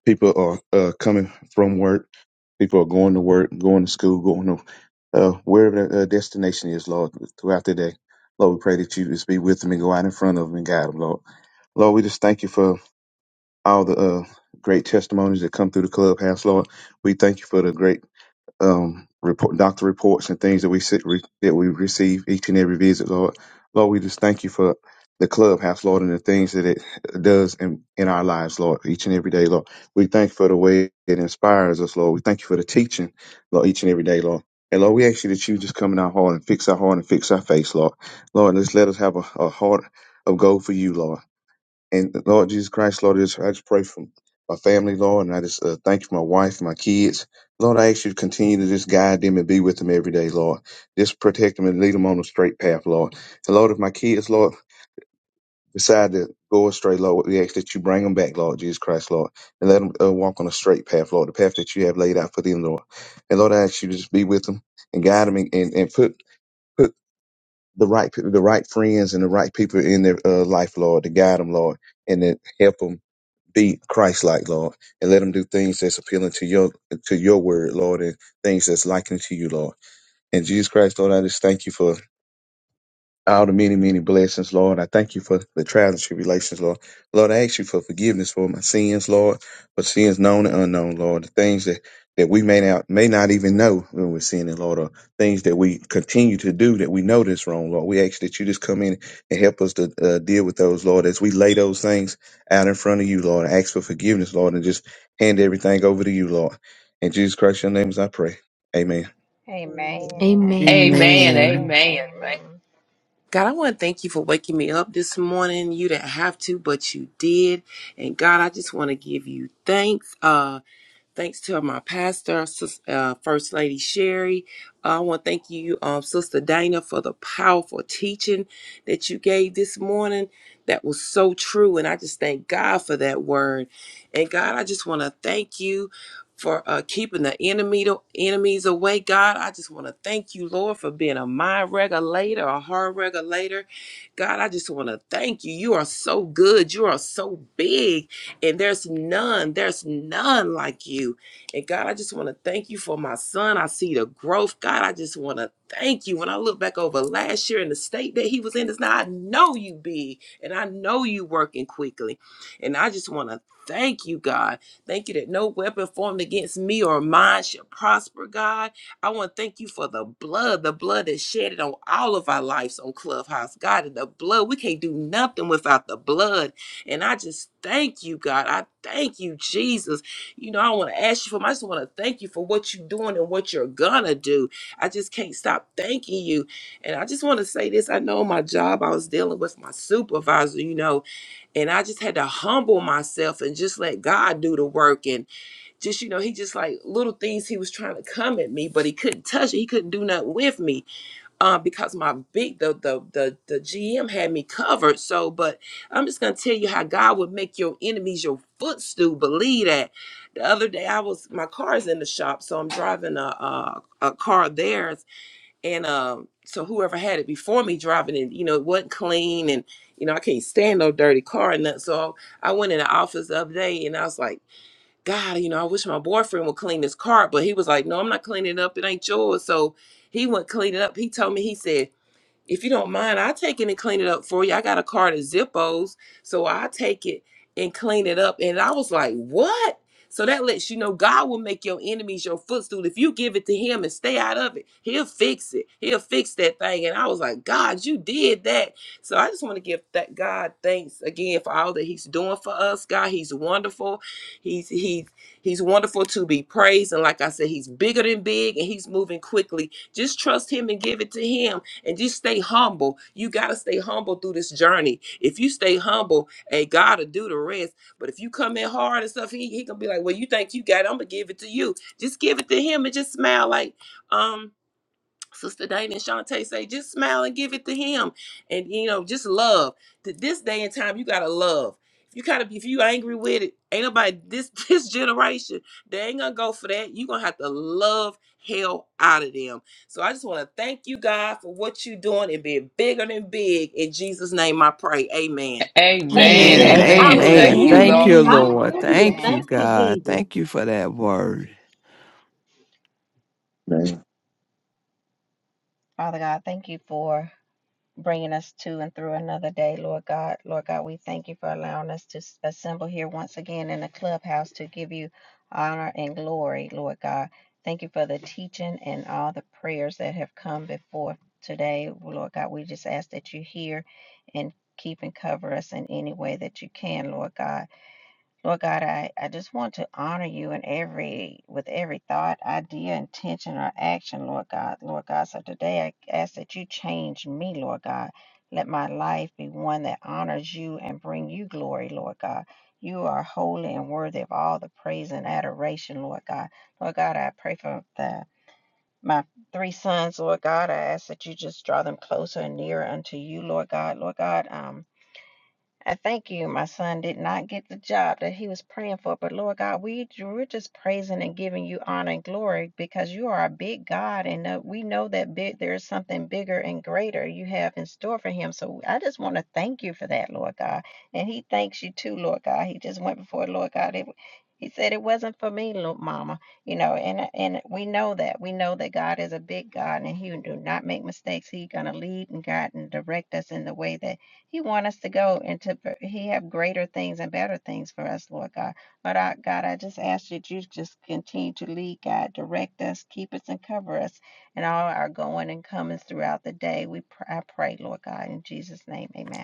people are uh, coming from work People are going to work, going to school, going to uh, wherever their uh, destination is, Lord, throughout the day. Lord, we pray that you just be with them and go out in front of them and guide them, Lord. Lord, we just thank you for all the uh, great testimonies that come through the clubhouse, Lord. We thank you for the great um, report, doctor reports and things that we sit, re, that we receive each and every visit, Lord. Lord, we just thank you for the clubhouse, Lord, and the things that it does in, in our lives, Lord, each and every day, Lord. We thank you for the way it inspires us, Lord. We thank you for the teaching, Lord, each and every day, Lord. And Lord, we ask you that you just come in our heart and fix our heart and fix our face, Lord. Lord, just let us have a, a heart of gold for you, Lord. And Lord Jesus Christ, Lord, I just, I just pray for my family, Lord, and I just uh, thank you for my wife, and my kids. Lord, I ask you to continue to just guide them and be with them every day, Lord. Just protect them and lead them on the straight path, Lord. And Lord, if my kids, Lord, decide to go astray, Lord, we ask that you bring them back, Lord Jesus Christ, Lord, and let them uh, walk on a straight path, Lord, the path that you have laid out for them, Lord. And Lord, I ask you to just be with them and guide them and, and, and put, put the right, pe- the right friends and the right people in their uh, life, Lord, to guide them, Lord, and to help them be Christ like, Lord, and let them do things that's appealing to your to your word, Lord, and things that's likened to you, Lord. And Jesus Christ, Lord, I just thank you for all the many, many blessings, Lord. I thank you for the trials and tribulations, Lord. Lord, I ask you for forgiveness for my sins, Lord, for sins known and unknown, Lord. The things that, that we may not may not even know when we're sinning, Lord, or things that we continue to do that we know that's wrong, Lord. We ask that you just come in and help us to uh, deal with those, Lord, as we lay those things out in front of you, Lord. I ask for forgiveness, Lord, and just hand everything over to you, Lord. In Jesus Christ, your name is I pray. Amen.
Amen.
Amen.
Amen.
Amen. Thank-
God, I want to thank you for waking me up this morning. You didn't have to, but you did. And God, I just want to give you thanks. Uh, Thanks to my pastor, Sis- uh, First Lady Sherry. Uh, I want to thank you, um, Sister Dana, for the powerful teaching that you gave this morning. That was so true. And I just thank God for that word. And God, I just want to thank you for uh, keeping the enemy enemies away. God, I just want to thank you, Lord, for being a mind regulator, a heart regulator. God, I just want to thank you. You are so good. You are so big. And there's none, there's none like you. And God, I just want to thank you for my son. I see the growth. God, I just want to thank you. When I look back over last year and the state that he was in, is now I know you big and I know you working quickly. And I just want to thank you, God. Thank you that no weapon formed against me or mine shall prosper, God. I want to thank you for the blood, the blood that shedded on all of our lives on Clubhouse. God, and the blood, we can't do nothing without the blood. And I just thank you, God. I thank you, Jesus. You know, I don't want to ask you for, I just want to thank you for what you're doing and what you're going to do. I just can't stop thanking you. And I just want to say this. I know my job, I was dealing with my supervisor, you know, and I just had to humble myself and just let God do the work. And just, you know, he just like little things he was trying to come at me, but he couldn't touch it. He couldn't do nothing with me uh, because my big the, the the the GM had me covered. So, but I'm just gonna tell you how God would make your enemies your footstool. Believe that. The other day, I was my car is in the shop, so I'm driving a a, a car of theirs, and um, so whoever had it before me driving it, you know, it wasn't clean, and you know, I can't stand no dirty car and that. So I went in the office the other day, and I was like, God, you know, I wish my boyfriend would clean this car, but he was like, No, I'm not cleaning it up. It ain't yours. So he went clean it up. He told me, he said if you don't mind, I take it and clean it up for you. I got a cart of Zippos, so I take it and clean it up. And I was like, what? So that lets you know God will make your enemies your footstool. If you give it to Him and stay out of it, He'll fix it. He'll fix that thing. And I was like, God, you did that. So I just want to give that God thanks again for all that He's doing for us. God, He's wonderful. He's He's He's wonderful to be praised. And like I said, He's bigger than big, and He's moving quickly. Just trust Him and give it to Him and just stay humble. You got to stay humble through this journey. If you stay humble, and God will do the rest. But if you come in hard and stuff, he, he gonna be like, well, you think you got it? I'm gonna give it to you. Just give it to him and just smile like, um, Sister Dana and Shantae say, just smile and give it to him. And you know, just love. To this day and time, you gotta love. If you gotta be if you angry with it, ain't nobody this this generation, they ain't gonna go for that. you gonna have to love hell out of them. So I just wanna thank you God for what you doing and being bigger than big. In Jesus' name I pray. Amen.
Amen.
Amen.
And
Amen.
Amen.
amen.
Thank
Amen.
you,
Hallelujah.
Lord.
Thank you,
Amen.
Lord.
Hallelujah.
Thank you,
Thank you,
God.
Jesus.
Thank you for that word.
Amen.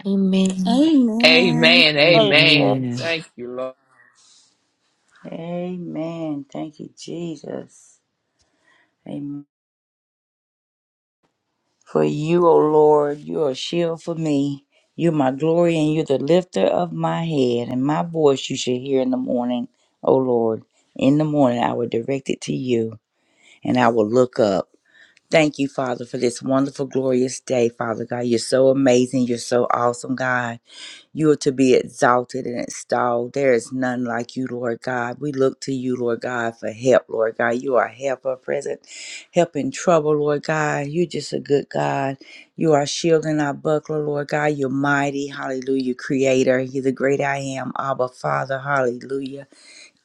Amen.
Amen.
Amen.
Amen.
Amen.
Amen.
Thank you, Lord.
Amen. Thank you, Jesus. Amen. For you, O Lord, you are a shield for me. You're my glory and you're the lifter of my head. And my voice you shall hear in the morning, O Lord. In the morning I will direct it to you and I will look up. Thank you, Father, for this wonderful, glorious day, Father God. You're so amazing. You're so awesome, God. You are to be exalted and extolled. There is none like you, Lord God. We look to you, Lord God, for help, Lord God. You are helper present, help in trouble, Lord God. You're just a good God. You are shield and our buckler, Lord God. You're mighty, hallelujah, creator. You're the great I am, Abba Father, hallelujah.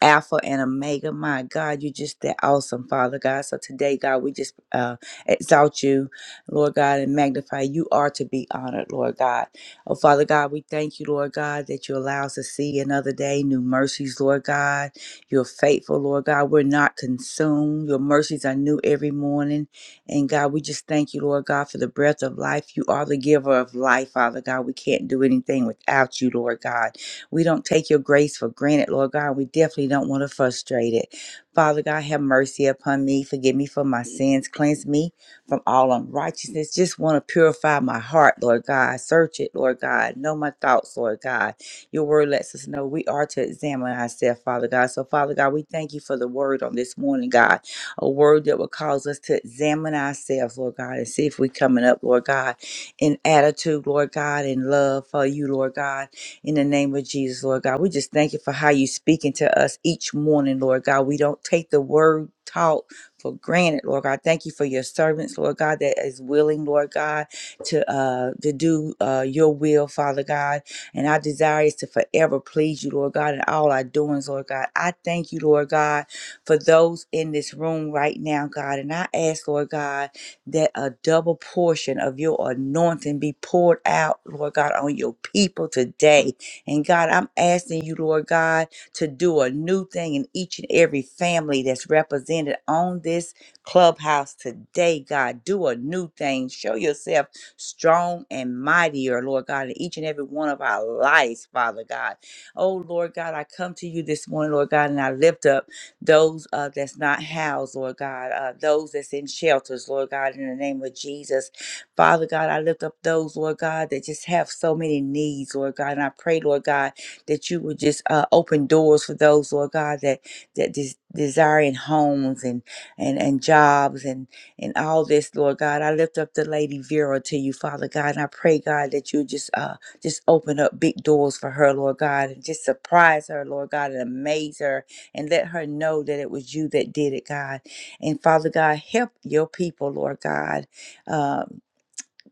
Alpha and Omega. My God, you're just that awesome, Father God. So today, God, we just uh, exalt you, Lord God, and magnify. You are to be honored, Lord God. Oh, Father God, we thank you, Lord God, that you allow us to see another day, new mercies, Lord God. You're faithful, Lord God. We're not consumed. Your mercies are new every morning. And God, we just thank you, Lord God, for the breath of life. You are the giver of life, Father God. We can't do anything without you, Lord God. We don't take your grace for granted, Lord God. We definitely don't want to frustrate it. Father God, have mercy upon me. Forgive me for my sins. Cleanse me from all unrighteousness. Just want to purify my heart, Lord God. Search it, Lord God. Know my thoughts, Lord God. Your word lets us know we are to examine ourselves, Father God. So, Father God, we thank you for the word on this morning, God. A word that will cause us to examine ourselves, Lord God, and see if we're coming up, Lord God, in attitude, Lord God, in love for you, Lord God in the name of Jesus, Lord God. We just thank you for how you speaking to us each morning, Lord God. We don't take the word taught for granted, Lord God. Thank you for your servants, Lord God, that is willing, Lord God, to uh to do uh your will, Father God. And our desire is to forever please you, Lord God, in all our doings, Lord God. I thank you, Lord God, for those in this room right now, God. And I ask, Lord God, that a double portion of your anointing be poured out, Lord God, on your people today. And God, I'm asking you, Lord God, to do a new thing in each and every family that's represented on this clubhouse today, God. Do a new thing. Show yourself strong and mightier, Lord God, in each and every one of our lives, Father God. Oh, Lord God, I come to you this morning, Lord God, and I lift up those uh, that's not housed, Lord God, uh, those that's in shelters, Lord God, in the name of Jesus. Father God, I lift up those, Lord God, that just have so many needs, Lord God. And I pray, Lord God, that you would just uh, open doors for those, Lord God, that that des- desiring homes and and and jobs and and all this, Lord God. I lift up the lady Vera to you, Father God, and I pray, God, that you just uh just open up big doors for her, Lord God, and just surprise her, Lord God, and amaze her, and let her know that it was you that did it, God. And Father God, help your people, Lord God. uh,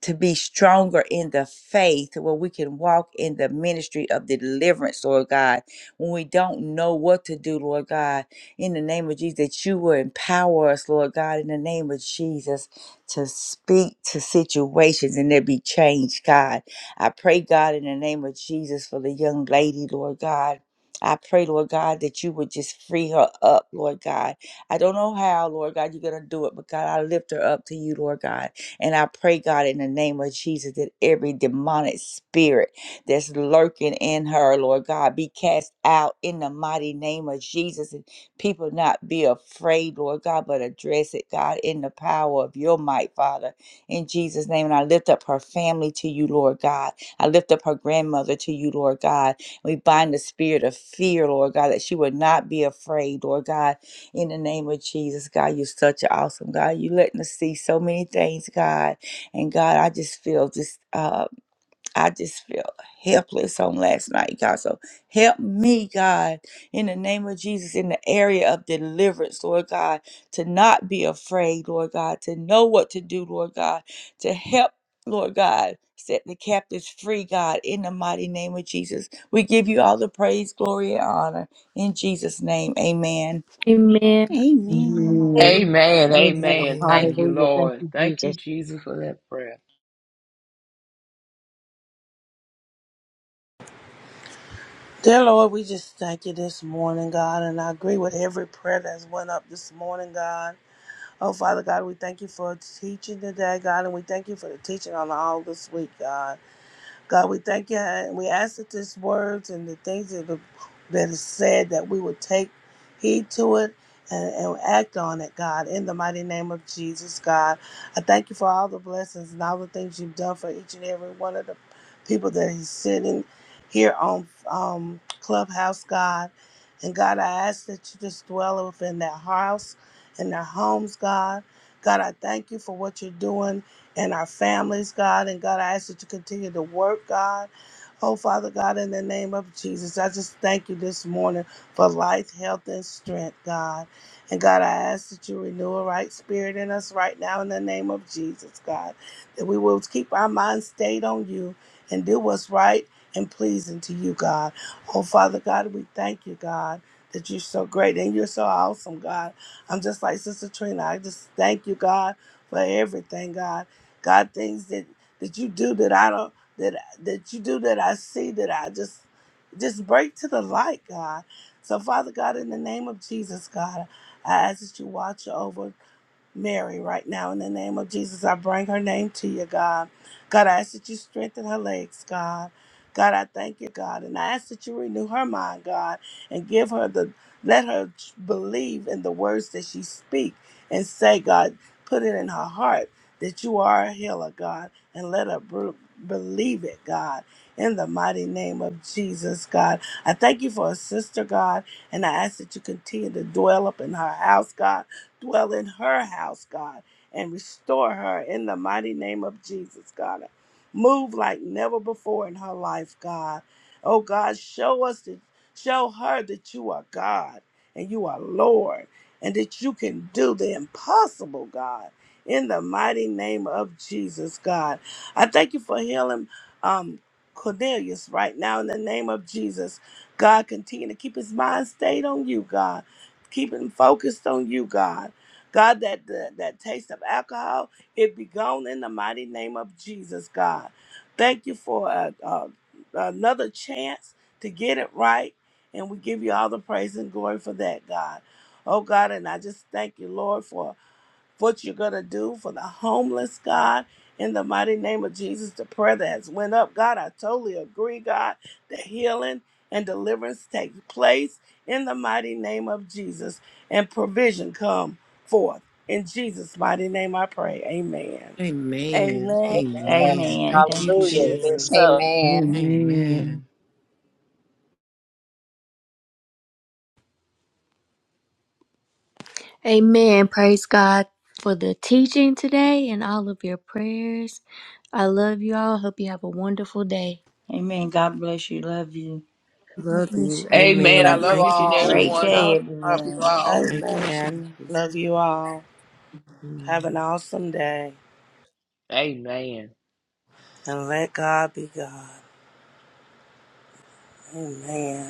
to be stronger in the faith where we can walk in the ministry of the deliverance, Lord God. When we don't know what to do, Lord God, in the name of Jesus, that you will empower us, Lord God, in the name of Jesus, to speak to situations and there be change, God. I pray, God, in the name of Jesus for the young lady, Lord God. I pray, Lord God, that you would just free her up, Lord God. I don't know how, Lord God, you're going to do it, but God, I lift her up to you, Lord God. And I pray, God, in the name of Jesus, that every demonic spirit that's lurking in her, Lord God, be cast out in the mighty name of Jesus. And people not be afraid, Lord God, but address it, God, in the power of your might, Father, in Jesus' name. And I lift up her family to you, Lord God. I lift up her grandmother to you, Lord God. We bind the spirit of fear, Lord God, that she would not be afraid, Lord God in the name of Jesus, God, you're such an awesome God. You letting us see so many things, God. And God, I just feel just uh I just feel helpless on last night, God. So help me, God, in the name of Jesus, in the area of deliverance, Lord God, to not be afraid, Lord God, to know what to do, Lord God, to help, Lord God. Set the captives free, God, in the mighty name of Jesus. We give you all the praise, glory, and honor. In Jesus' name, amen.
Amen.
Amen.
Amen.
Amen.
Amen.
Amen. Thank
Amen.
you,
Hallelujah. Thank
Lord.
you,
Thank you,
Jesus.
Jesus, for that prayer.
Dear Lord, we just thank you this morning, God, and I agree with every prayer that's went up this morning, God. Oh, Father God, we thank you for teaching today, God, and we thank you for the teaching on all this week, God. God, we thank you and we ask that these words and the things that are, that is said that we would take heed to it and, and act on it, God, in the mighty name of Jesus, God. I thank you for all the blessings and all the things you've done for each and every one of the people that is sitting here on um, Clubhouse, God. And God, I ask that you just dwell within their house and their homes, God. God, I thank you for what you're doing and our families, God. And God, I ask you to continue to work, God. Oh, Father God, in the name of Jesus, I just thank you this morning for life, health, and strength, God. And God, I ask that you renew a right spirit in us right now in the name of Jesus, God, that we will keep our minds stayed on you and do what's right and pleasing to you, God. Oh, Father God, we thank you, God, that you're so great and you're so awesome, God. I'm just like Sister Trina. I just thank you, God, for everything, God. God, things that that you do that I don't that that you do that I see that I just just break to the light, God. So Father God, in the name of Jesus, God, I ask that you watch over Mary right now in the name of Jesus. I bring her name to you, God. God, I ask that you strengthen her legs, God. God, I thank you, God, and I ask that you renew her mind, God, and give her the let her believe in the words that she speak and say, God, put it in her heart that you are a healer, God, and let her bel- believe it, God, in the mighty name of Jesus, God. I thank you for a sister, God, and I ask that you continue to dwell up in her house, God, dwell in her house, God, and restore her in the mighty name of Jesus, God. Move like never before in her life, God. Oh God, show us that show her that you are God and you are Lord and that you can do the impossible, God in the mighty name of Jesus, God. I thank you for healing um, Cornelius right now in the name of Jesus. God, continue to keep his mind stayed on you, God. Keep him focused on you, God. God, that, that, that taste of alcohol, it be gone in the mighty name of Jesus, God. Thank you for uh, uh, another chance to get it right. And we give you all the praise and glory for that, God. Oh, God, and I just thank you, Lord, for what you're going to do for the homeless, God. In the mighty name of Jesus, the prayer that has went up, God, I totally agree, God, that healing and deliverance take place in the mighty name of Jesus and provision come forth. In Jesus' mighty name I pray. Amen.
Amen.
Amen.
Amen.
Amen.
Amen.
Thank you,
Thank you,
Hallelujah. It is
Lord.
Jesus.
so.
Amen.
Amen.
Amen.
Amen. Praise God for the teaching today and all of your prayers. I love you all. Hope you have a wonderful day.
Amen. God bless you. Love you.
God
Love you.
bless you.
Amen. I
Amen.
Love you
love
Thank
each
you,
and every
all.
Great
Jesus.
Amen.
one.
day,
Love
everyone.
you all.
Thank you,
Amen.
Jesus.
Love you all. Have
Amen.
an awesome day
Amen.
and let God be God. Amen.